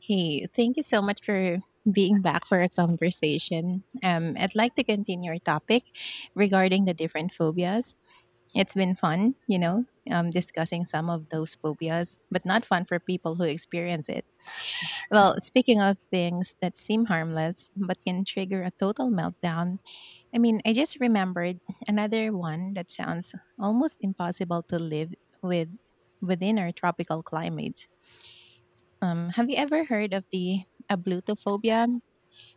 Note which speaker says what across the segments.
Speaker 1: Hey, thank you so much for being back for a conversation. I'd like to continue our topic regarding the different phobias. It's been fun, you know, discussing some of those phobias, but not fun for people who experience it. Well, speaking of things that seem harmless but can trigger a total meltdown, I mean, I just remembered another one that sounds almost impossible to live with within our tropical climates. Have you ever heard of the ablutophobia,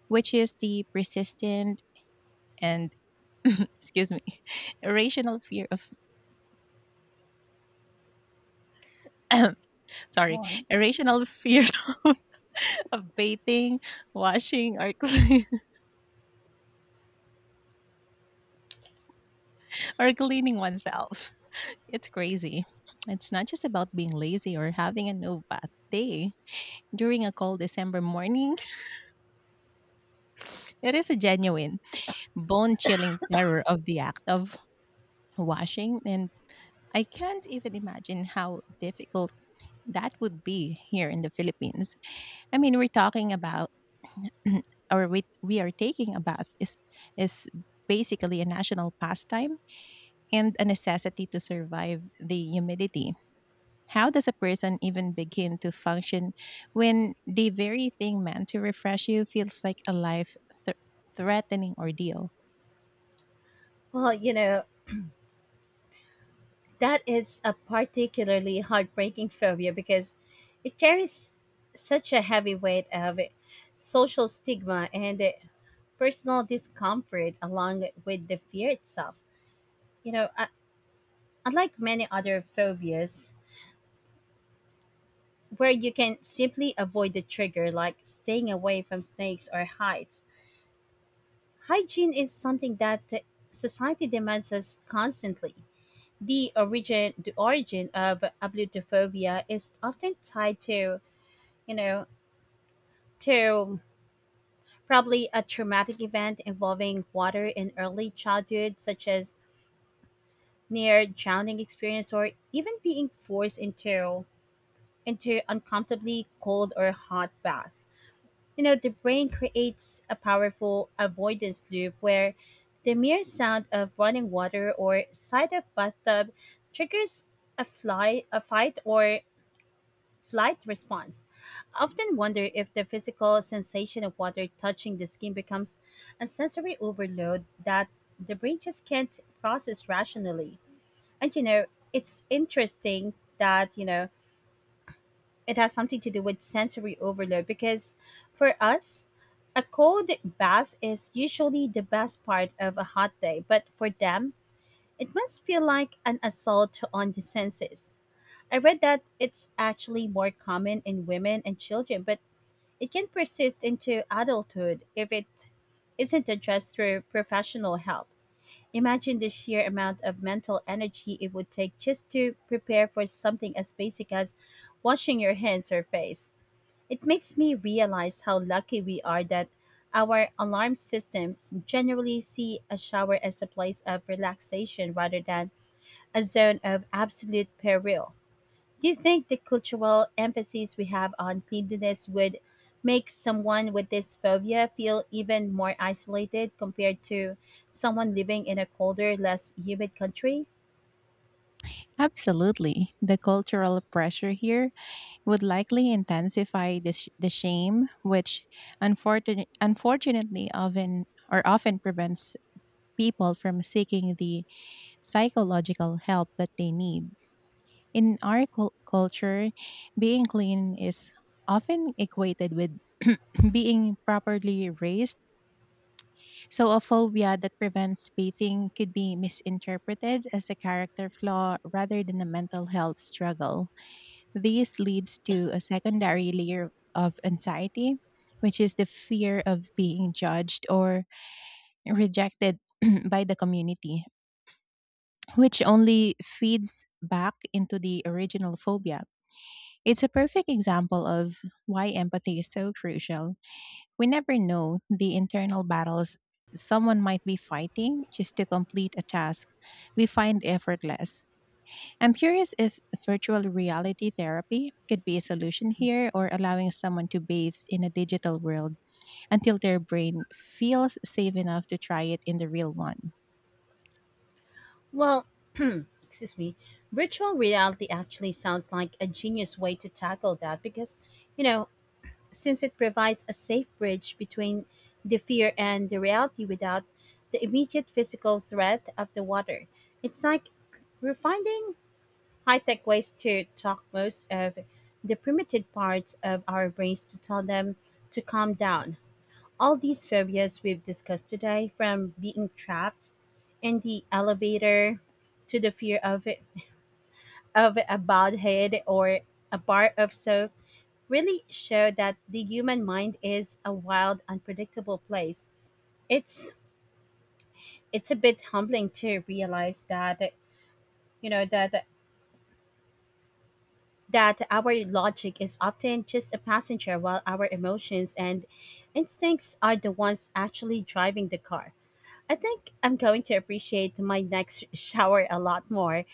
Speaker 1: which is the persistent and excuse me, irrational fear of sorry,
Speaker 2: Right.
Speaker 1: irrational fear of, of bathing, washing, or or cleaning oneself. It's crazy. It's not just about being lazy or having a no bath day during a cold December morning. It is a genuine, bone chilling terror of the act of washing, and I can't even imagine how difficult that would be here in the Philippines. I mean, we're talking about or we are taking a bath is basically a national pastime and a necessity to survive the humidity. How does a person even begin to function when the very thing meant to refresh you feels like a life th- threatening ordeal?
Speaker 2: Well, you know, that is a particularly heartbreaking phobia because it carries such a heavy weight of social stigma and personal discomfort along with the fear itself. You know, unlike many other phobias, where you can simply avoid the trigger, like staying away from snakes or heights, hygiene is something that society demands us constantly. The origin of ablutophobia is often tied to you know to probably a traumatic event involving water in early childhood, such as near drowning experience or even being forced into uncomfortably cold or hot bath. You know, the brain creates a powerful avoidance loop where the mere sound of running water or sight of bathtub triggers a fight or flight response. I often wonder if the physical sensation of water touching the skin becomes a sensory overload that the brain just can't process rationally. And you know, it's interesting that, you know, it has something to do with sensory overload because for us, a cold bath is usually the best part of a hot day, but for them, it must feel like an assault on the senses. I read that it's actually more common in women and children, but it can persist into adulthood if it isn't addressed through professional help. Imagine the sheer amount of mental energy it would take just to prepare for something as basic as washing your hands or face. It makes me realize how lucky we are that our alarm systems generally see a shower as a place of relaxation rather than a zone of absolute peril. Do you think the cultural emphasis we have on cleanliness would make someone with this phobia feel even more isolated compared to someone living in a colder, less humid country?
Speaker 1: Absolutely. The cultural pressure here would likely intensify this, the shame, which unfortunately often or often prevents people from seeking the psychological help that they need. In our culture, being clean is often equated with being properly raised. So, a phobia that prevents bathing could be misinterpreted as a character flaw rather than a mental health struggle. This leads to a secondary layer of anxiety, which is the fear of being judged or rejected by the community, which only feeds back into the original phobia. It's a perfect example of why empathy is so crucial. We never know the internal battles someone might be fighting just to complete a task we find effortless. I'm curious if virtual reality therapy could be a solution here, or allowing someone to bathe in a digital world until their brain feels safe enough to try it in the real one.
Speaker 2: Well, excuse me, virtual reality actually sounds like a genius way to tackle that because, you know, since it provides a safe bridge between the fear and the reality without the immediate physical threat of the water. It's like we're finding high-tech ways to talk most of the primitive parts of our brains to tell them to calm down. All these phobias we've discussed today, from being trapped in the elevator to the fear of a bald head or a bar of soap, really show that the human mind is a wild, unpredictable place. It's it's a bit humbling to realize that you know that that our logic is often just a passenger while our emotions and instincts are the ones actually driving the car. I think I'm going to appreciate my next shower a lot more,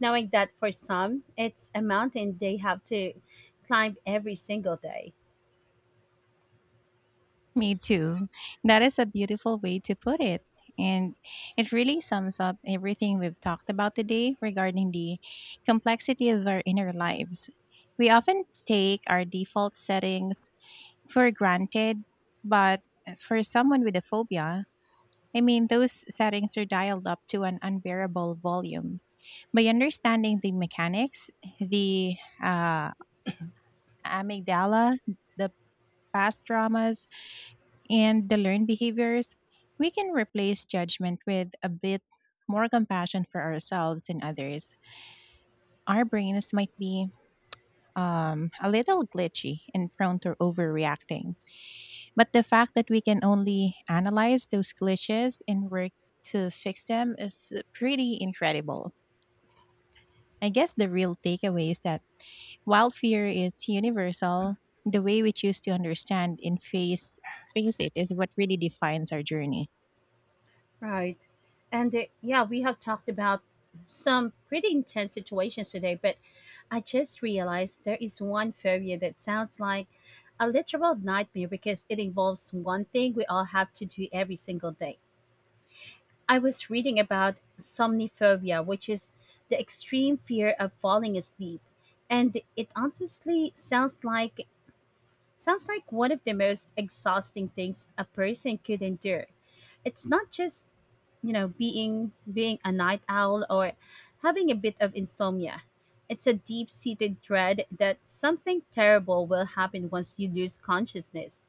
Speaker 2: knowing that for some, it's a mountain they have to climb every single day.
Speaker 1: Me too. That is a beautiful way to put it. And it really sums up everything we've talked about today regarding the complexity of our inner lives. We often take our default settings for granted, but for someone with a phobia, I mean, those settings are dialed up to an unbearable volume. By understanding the mechanics, the uh, amygdala, the past traumas, and the learned behaviors, we can replace judgment with a bit more compassion for ourselves and others. Our brains might be a little glitchy and prone to overreacting, but the fact that we can only analyze those glitches and work to fix them is pretty incredible. I guess the real takeaway is that while fear is universal, the way we choose to understand and face it is what really defines our journey.
Speaker 2: Right. And yeah, we have talked about some pretty intense situations today, but I just realized there is one phobia that sounds like a literal nightmare because it involves one thing we all have to do every single day. I was reading about somniphobia, which is the extreme fear of falling asleep, and it honestly sounds like one of the most exhausting things a person could endure. It's not just, being a night owl or having a bit of insomnia. It's a deep-seated dread that something terrible will happen once you lose consciousness.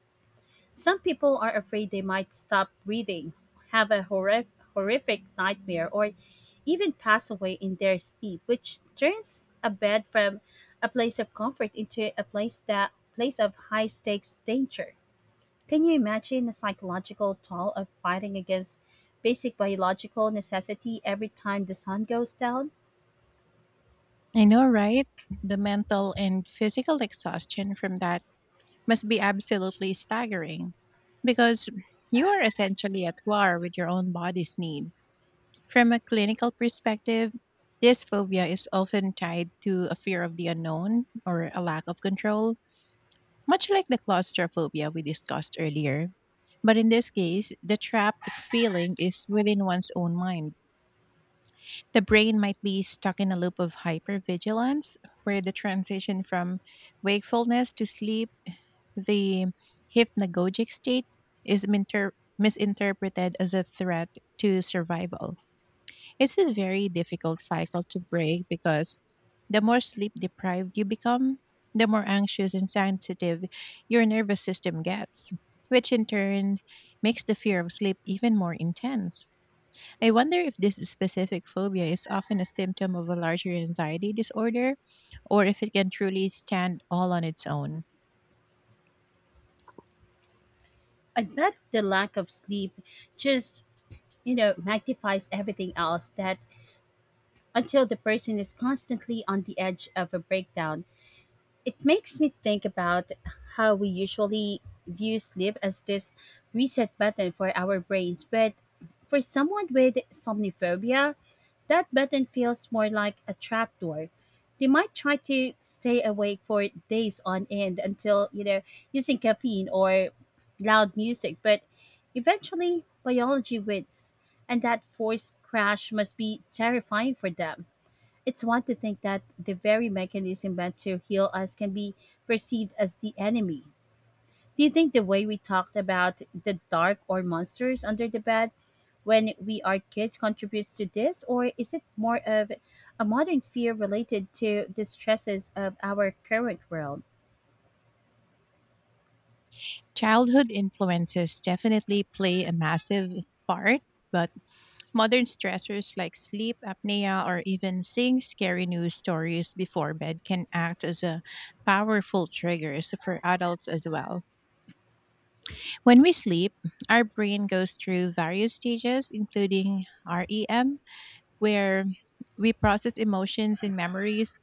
Speaker 2: Some people are afraid they might stop breathing, have a horri- horrific nightmare, or even pass away in their sleep, which turns a bed from a place of comfort into a place of high stakes danger. Can you imagine the psychological toll of fighting against basic biological necessity every time the sun goes down?
Speaker 1: I know, right? The mental and physical exhaustion from that must be absolutely staggering because you are essentially at war with your own body's needs. From a clinical perspective, this phobia is often tied to a fear of the unknown or a lack of control, much like the claustrophobia we discussed earlier, but in this case, the trapped feeling is within one's own mind. The brain might be stuck in a loop of hypervigilance where the transition from wakefulness to sleep, the hypnagogic state, is misinterpreted as a threat to survival. It's a very difficult cycle to break because the more sleep deprived you become, the more anxious and sensitive your nervous system gets, which in turn makes the fear of sleep even more intense. I wonder if this specific phobia is often a symptom of a larger anxiety disorder or if it can truly stand all on its own.
Speaker 2: I bet the lack of sleep just, you know, magnifies everything else, that until the person is constantly on the edge of a breakdown. It makes me think about how we usually view sleep as this reset button for our brains, but for someone with somniphobia, that button feels more like a trapdoor. They might try to stay awake for days on end until, you know, using caffeine or loud music, but eventually biology wins, and that forced crash must be terrifying for them. It's one to think that the very mechanism meant to heal us can be perceived as the enemy. Do you think the way we talked about the dark or monsters under the bed when we are kids contributes to this, or is it more of a modern fear related to the stresses of our current world?
Speaker 1: Childhood influences definitely play a massive part, but modern stressors like sleep apnea or even seeing scary news stories before bed can act as a powerful triggers for adults as well. When we sleep, our brain goes through various stages including REM, where we process emotions and memories,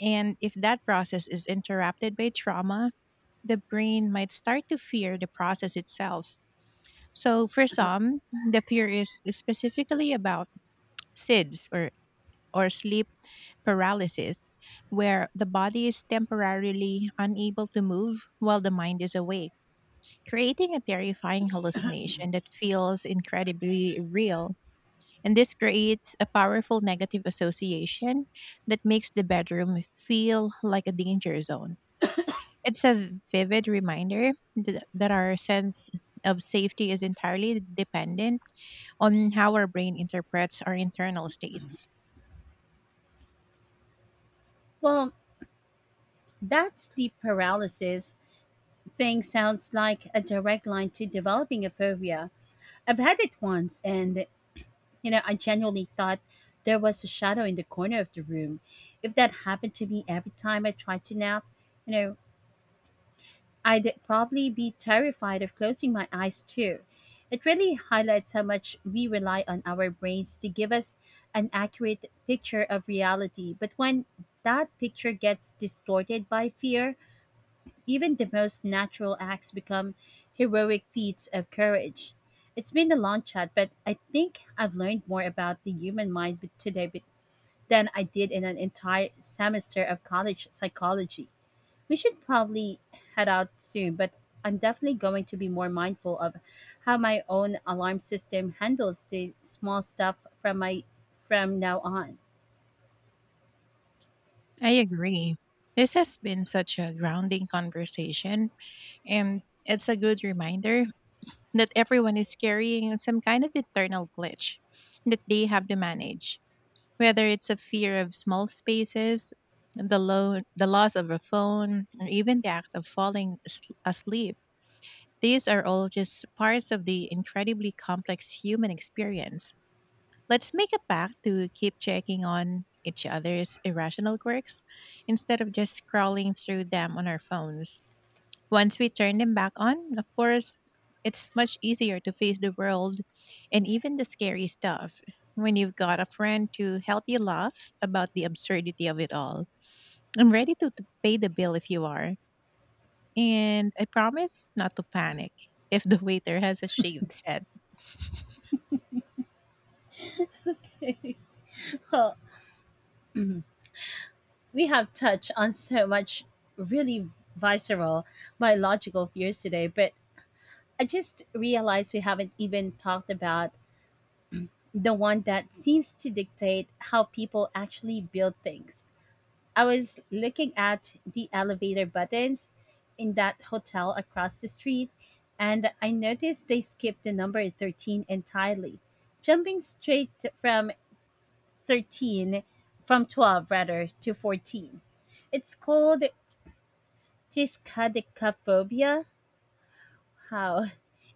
Speaker 1: and if that process is interrupted by trauma, the brain might start to fear the process itself. So for some, the fear is specifically about SIDS or sleep paralysis, where the body is temporarily unable to move while the mind is awake, creating a terrifying hallucination that feels incredibly real. And this creates a powerful negative association that makes the bedroom feel like a danger zone. It's a vivid reminder that our sense of safety is entirely dependent on how our brain interprets our internal states.
Speaker 2: Well, that sleep paralysis thing sounds like a direct line to developing a phobia. I've had it once, and you know, I genuinely thought there was a shadow in the corner of the room. If that happened to me every time I tried to nap, you know, I'd probably be terrified of closing my eyes too. It really highlights how much we rely on our brains to give us an accurate picture of reality. But when that picture gets distorted by fear, even the most natural acts become heroic feats of courage. It's been a long chat, but I think I've learned more about the human mind today than I did in an entire semester of college psychology. We should probably head out soon, but I'm definitely going to be more mindful of how my own alarm system handles the small stuff from my from now on.
Speaker 1: I agree. This has been such a grounding conversation, and it's a good reminder that everyone is carrying some kind of internal glitch that they have to manage, whether it's a fear of small spaces, the loss of a phone, or even the act of falling asleep. These are all just parts of the incredibly complex human experience. Let's make a pact to keep checking on each other's irrational quirks instead of just scrolling through them on our phones. Once we turn them back on, of course, it's much easier to face the world and even the scary stuff when you've got a friend to help you laugh about the absurdity of it all. I'm ready to pay the bill if you are, and I promise not to panic if the waiter has a shaved head.
Speaker 2: We have touched on so much really visceral biological fears today, but I just realized we haven't even talked about the one that seems to dictate how people actually build things. I was looking at the elevator buttons in that hotel across the street, and I noticed they skipped the number 13 entirely, jumping straight from 13, from 12 rather, to 14. It's called Triskaidekaphobia? How?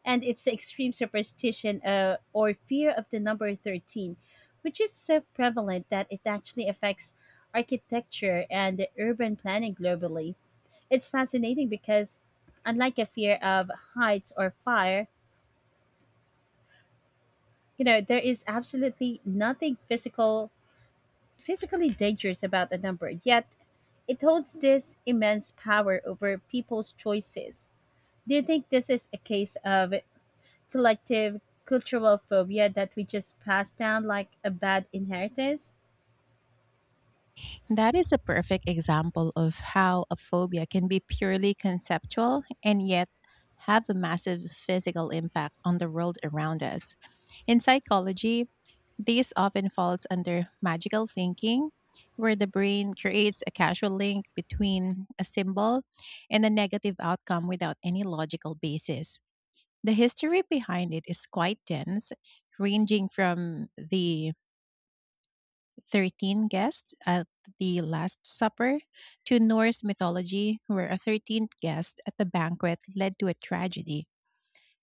Speaker 2: And it's extreme superstition, or fear of the number 13, which is so prevalent that it actually affects architecture and urban planning globally. It's fascinating because, unlike a fear of heights or fire, you know, there is absolutely nothing physical, physically dangerous about the number. Yet, it holds this immense power over people's choices. Do you think this is a case of collective cultural phobia that we just pass down like a bad inheritance?
Speaker 1: That is a perfect example of how a phobia can be purely conceptual and yet have a massive physical impact on the world around us. In psychology, this often falls under magical thinking, where the brain creates a causal link between a symbol and a negative outcome without any logical basis. The history behind it is quite dense, ranging from the 13 guests at the Last Supper to Norse mythology, where a 13th guest at the banquet led to a tragedy.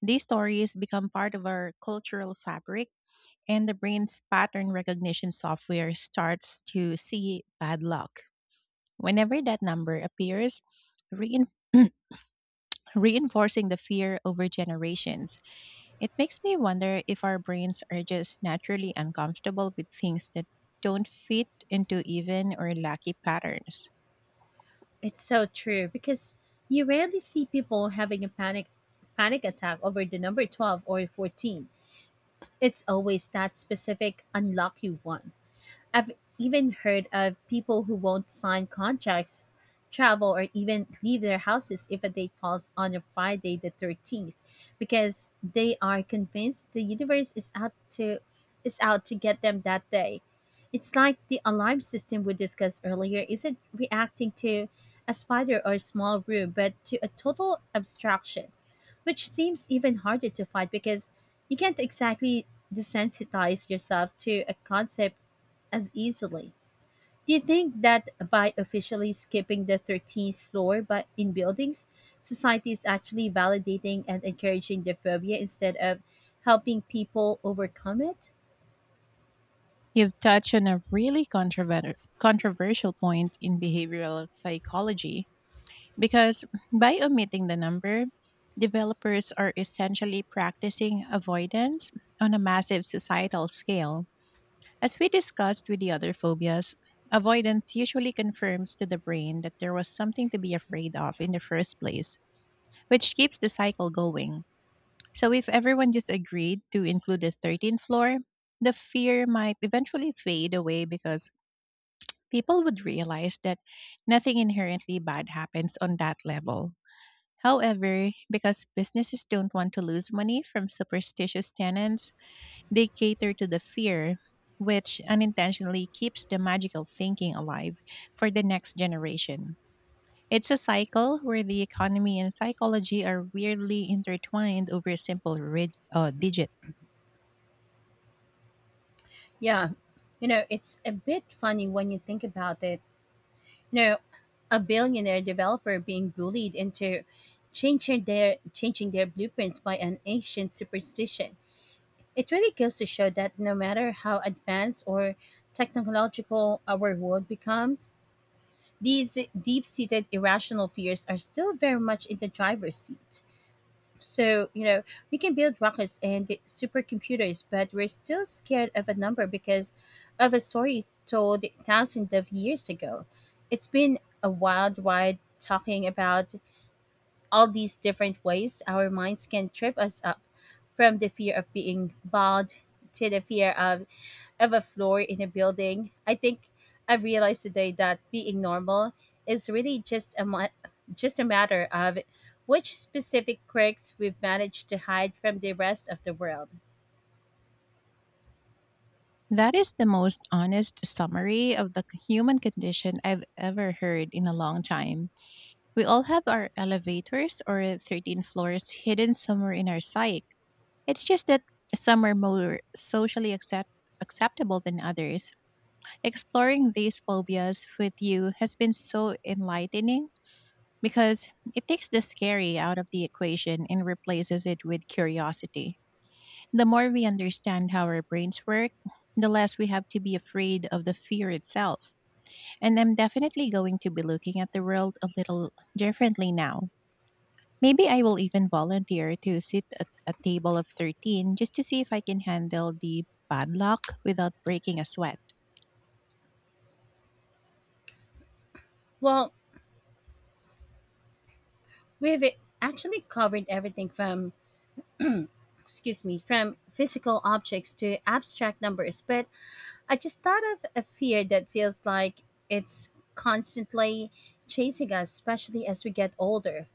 Speaker 1: These stories become part of our cultural fabric, and the brain's pattern recognition software starts to see bad luck whenever that number appears, rein- reinforcing the fear over generations. It makes me wonder if our brains are just naturally uncomfortable with things that don't fit into even or lucky patterns.
Speaker 2: It's so true because you rarely see people having a panic attack over the number 12 or 14. It's always that specific unlucky one. I've even heard of people who won't sign contracts, travel, or even leave their houses if a date falls on a Friday the 13th because they are convinced the universe is out to get them that day. It's like the alarm system we discussed earlier isn't reacting to a spider or a small room, but to a total abstraction, which seems even harder to fight because you can't exactly desensitize yourself to a concept as easily. Do you think that by officially skipping the 13th floor by, in buildings, society is actually validating and encouraging the phobia instead of helping people overcome it?
Speaker 1: You've touched on a really controversial point in behavioral psychology because by omitting the number, developers are essentially practicing avoidance on a massive societal scale. As we discussed with the other phobias, avoidance usually confirms to the brain that there was something to be afraid of in the first place, which keeps the cycle going. So if everyone just agreed to include the 13th floor, the fear might eventually fade away because people would realize that nothing inherently bad happens on that level. However, because businesses don't want to lose money from superstitious tenants, they cater to the fear, which unintentionally keeps the magical thinking alive for the next generation. It's a cycle where the economy and psychology are weirdly intertwined over a simple digit.
Speaker 2: Yeah, you know, it's a bit funny when you think about it. You know, a billionaire developer being bullied into changing their blueprints by an ancient superstition. It really goes to show that no matter how advanced or technological our world becomes, these deep-seated irrational fears are still very much in the driver's seat. So, you know, we can build rockets and supercomputers, but we're still scared of a number because of a story told thousands of years ago. It's been a wild ride talking about all these different ways our minds can trip us up, from the fear of being bald to the fear of a floor in a building. I think I've realized today that being normal is really just a just a matter of which specific quirks we've managed to hide from the rest of the world.
Speaker 1: That is the most honest summary of the human condition I've ever heard in a long time. We all have our elevators or 13 floors hidden somewhere in our psyche. It's just that some are more socially acceptable than others. Exploring these phobias with you has been so enlightening, because it takes the scary out of the equation and replaces it with curiosity. The more we understand how our brains work, the less we have to be afraid of the fear itself. And I'm definitely going to be looking at the world a little differently now. Maybe I will even volunteer to sit at a table of 13 just to see if I can handle the bad luck without breaking a sweat.
Speaker 2: Well, we've actually covered everything from, excuse me, from physical objects to abstract numbers, but I just thought of a fear that feels like it's constantly chasing us, especially as we get older.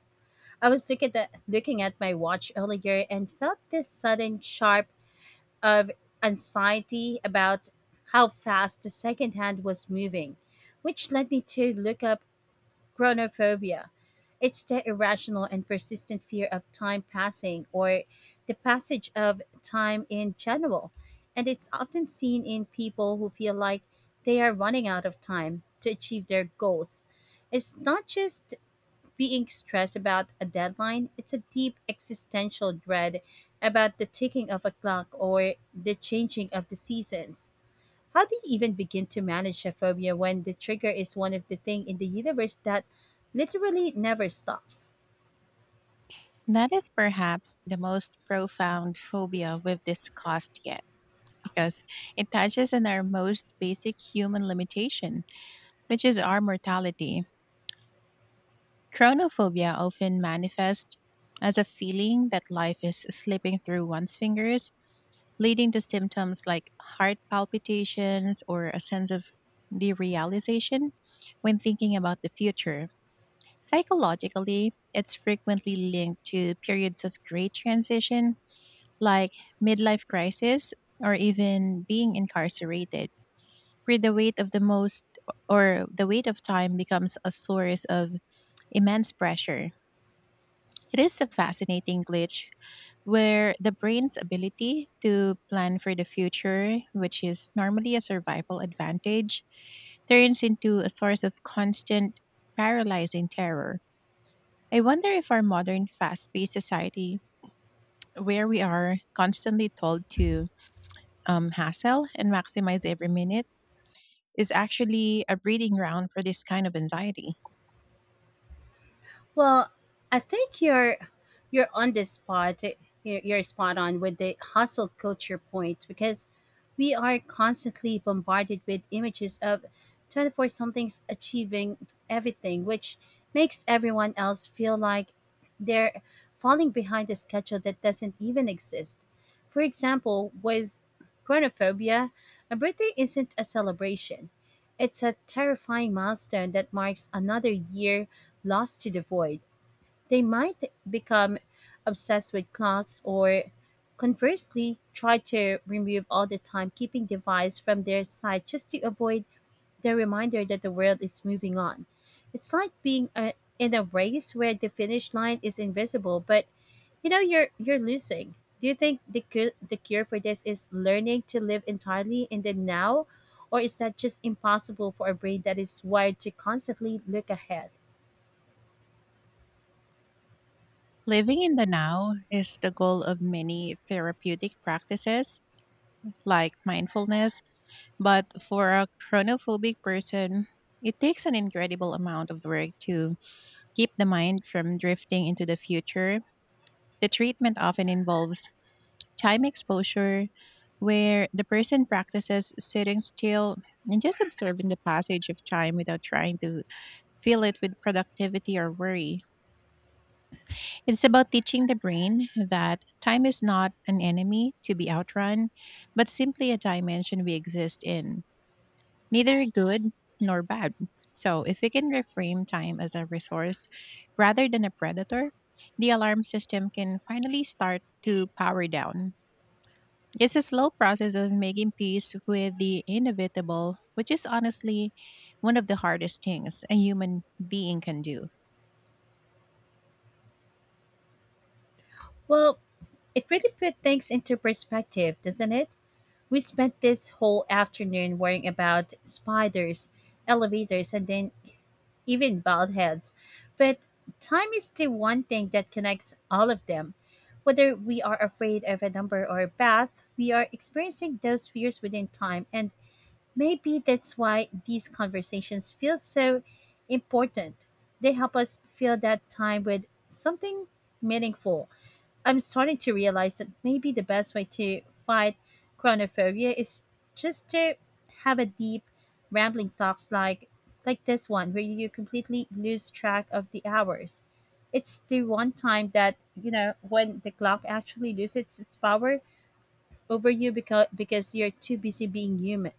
Speaker 2: I was looking at my watch earlier and felt this sudden sharp of anxiety about how fast the second hand was moving, which led me to look up Chronophobia. It's the irrational and persistent fear of time passing or the passage of time in general. And it's often seen in people who feel like they are running out of time to achieve their goals. It's not just being stressed about a deadline, it's a deep existential dread about the ticking of a clock or the changing of the seasons. How do you even begin to manage a phobia when the trigger is one of the thing in the universe that literally never stops?
Speaker 1: That is perhaps the most profound phobia we've discussed yet because it touches on our most basic human limitation, which is our mortality. Chronophobia often manifests as a feeling that life is slipping through one's fingers, leading to symptoms like heart palpitations or a sense of derealization when thinking about the future. Psychologically, it's frequently linked to periods of great transition, like midlife crisis or even being incarcerated, where the weight of the most or the weight of time becomes a source of immense pressure. It is a fascinating glitch where the brain's ability to plan for the future, which is normally a survival advantage, turns into a source of constant paralyzing terror. I wonder if our modern fast paced society, where we are constantly told to hassle and maximize every minute, is actually a breeding ground for this kind of anxiety.
Speaker 2: Well, I think you're on the spot. You're spot on with the hustle culture point because we are constantly bombarded with images of 24 somethings achieving everything, which makes everyone else feel like they're falling behind a schedule that doesn't even exist. For example, with chronophobia, a birthday isn't a celebration. It's a terrifying milestone that marks another year lost to the void. They might become obsessed with clocks, or conversely try to remove all the timekeeping device from their side just to avoid the reminder that the world is moving on. It's like being in a race where the finish line is invisible, but you know you're losing. Do you think the cure for this is learning to live entirely in the now, or is that just impossible for a brain that is wired to constantly look ahead?
Speaker 1: Living in the now is the goal of many therapeutic practices like mindfulness, but for a chronophobic person, it takes an incredible amount of work to keep the mind from drifting into the future. The treatment often involves time exposure, where the person practices sitting still and just observing the passage of time without trying to fill it with productivity or worry. It's about teaching the brain that time is not an enemy to be outrun, but simply a dimension we exist in, neither good nor bad. So, if we can reframe time as a resource rather than a predator, the alarm system can finally start to power down. It's a slow process of making peace with the inevitable, which is honestly one of the hardest things a human being can do.
Speaker 2: Well, It really put things into perspective, doesn't it? We spent this whole afternoon worrying about spiders, elevators, and then even bald heads. But time is the one thing that connects all of them. Whether we are afraid of a number or a bath, we are experiencing those fears within time, and maybe that's why these conversations feel so important. They help us fill that time with something meaningful. I'm starting to realize that maybe the best way to fight chronophobia is just to have a deep, rambling talks like this one, where you completely lose track of the hours. It's the one time that you know when the clock actually loses its power over you because you're too busy being human,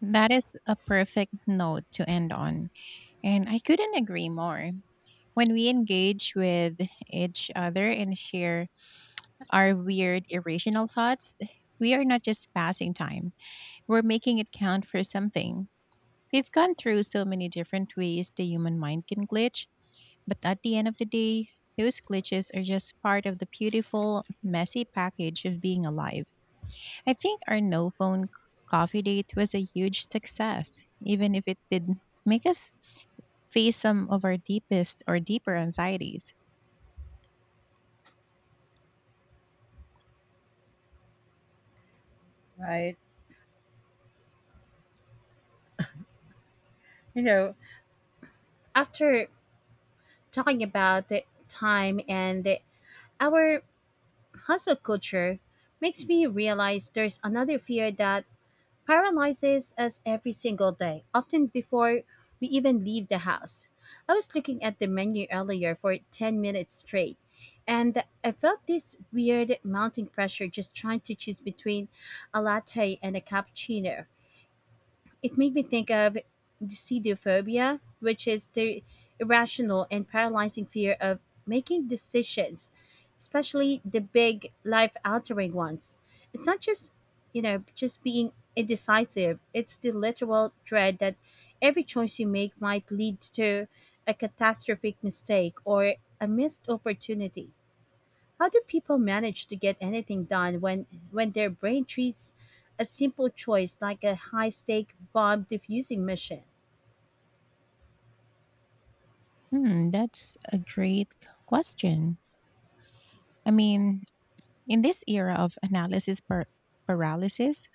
Speaker 1: That is a perfect note to end on. And I couldn't agree more. When we engage with each other and share our weird, irrational thoughts, we are not just passing time, we're making it count for something. We've gone through so many different ways the human mind can glitch, but at the end of the day, those glitches are just part of the beautiful, messy package of being alive. I think our no phone coffee date was a huge success, even if it did make us face some of our deepest or deeper anxieties.
Speaker 2: right? You know, after talking about the time and the, our hustle culture, makes me realize there's another fear that paralyzes us every single day, often before we even leave the house. I was looking at the menu earlier for 10 minutes straight, and I felt this weird mounting pressure just trying to choose between a latte and a cappuccino. It made me think of decidophobia, which is the irrational and paralyzing fear of making decisions, especially the big life altering ones. It's not just, you know, just being indecisive, it's the literal dread that every choice you make might lead to a catastrophic mistake or a missed opportunity. How do people manage to get anything done when their brain treats a simple choice like a high-stake bomb diffusing mission?
Speaker 1: Hmm, that's a great question. I mean, in this era of analysis paralysis,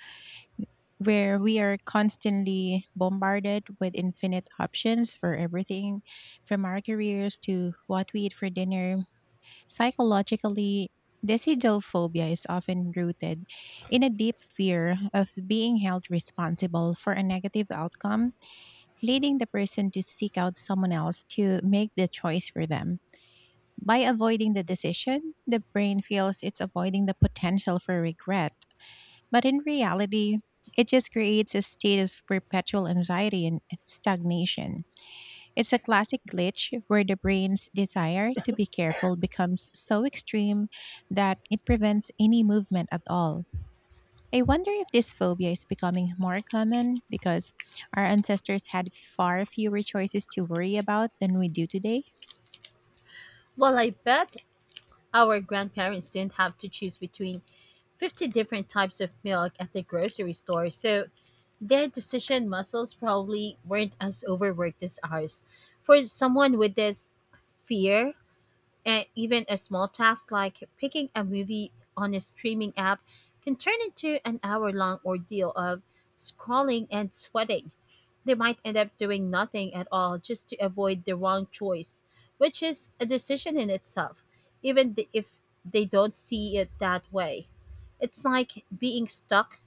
Speaker 1: where we are constantly bombarded with infinite options for everything from our careers to what we eat for dinner, psychologically, decidophobia is often rooted in a deep fear of being held responsible for a negative outcome, leading the person to seek out someone else to make the choice for them. By avoiding the decision, the brain feels it's avoiding the potential for regret. But in reality, it just creates a state of perpetual anxiety and stagnation. It's a classic glitch where the brain's desire to be careful becomes so extreme that it prevents any movement at all. I wonder if this phobia is becoming more common because our ancestors had far fewer choices to worry about than we do today.
Speaker 2: Well, I bet our grandparents didn't have to choose between 50 different types of milk at the grocery store, so their decision muscles probably weren't as overworked as ours. For someone with this fear, and even a small task like picking a movie on a streaming app can turn into an hour long ordeal of scrolling and sweating. They might end up doing nothing at all just to avoid the wrong choice, which is a decision in itself, even if they don't see it that way. It's like being stuck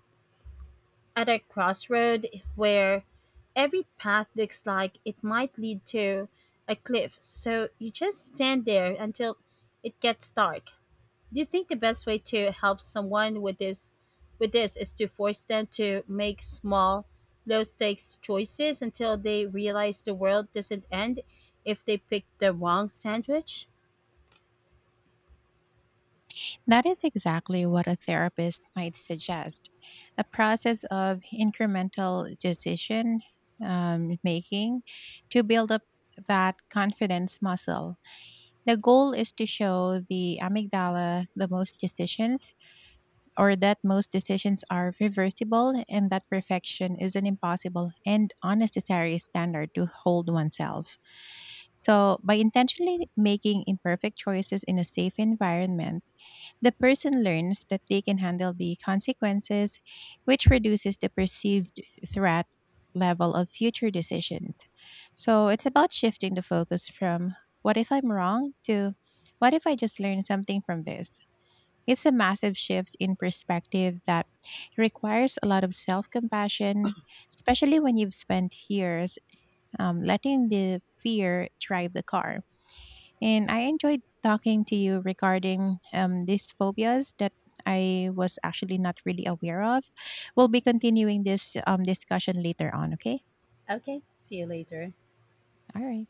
Speaker 2: at a crossroad where every path looks like it might lead to a cliff. So you just stand there until it gets dark. Do you think the best way to help someone with this is to force them to make small low stakes choices until they realize the world doesn't end if they pick the wrong sandwich?
Speaker 1: That is exactly what a therapist might suggest, a process of incremental decision making to build up that confidence muscle. The goal is to show the amygdala the most decisions or that most decisions are reversible and that perfection is an impossible and unnecessary standard to hold oneself. So, by intentionally making imperfect choices in a safe environment, the person learns that they can handle the consequences, which reduces the perceived threat level of future decisions. So, it's about shifting the focus from what if I'm wrong to what if I just learned something from this? It's a massive shift in perspective that requires a lot of self compassion, especially when you've spent years letting the fear drive the car. And I enjoyed talking to you regarding these phobias that I was actually not really aware of. We'll be continuing this discussion later on, okay?
Speaker 2: Okay, see you later.
Speaker 1: All right.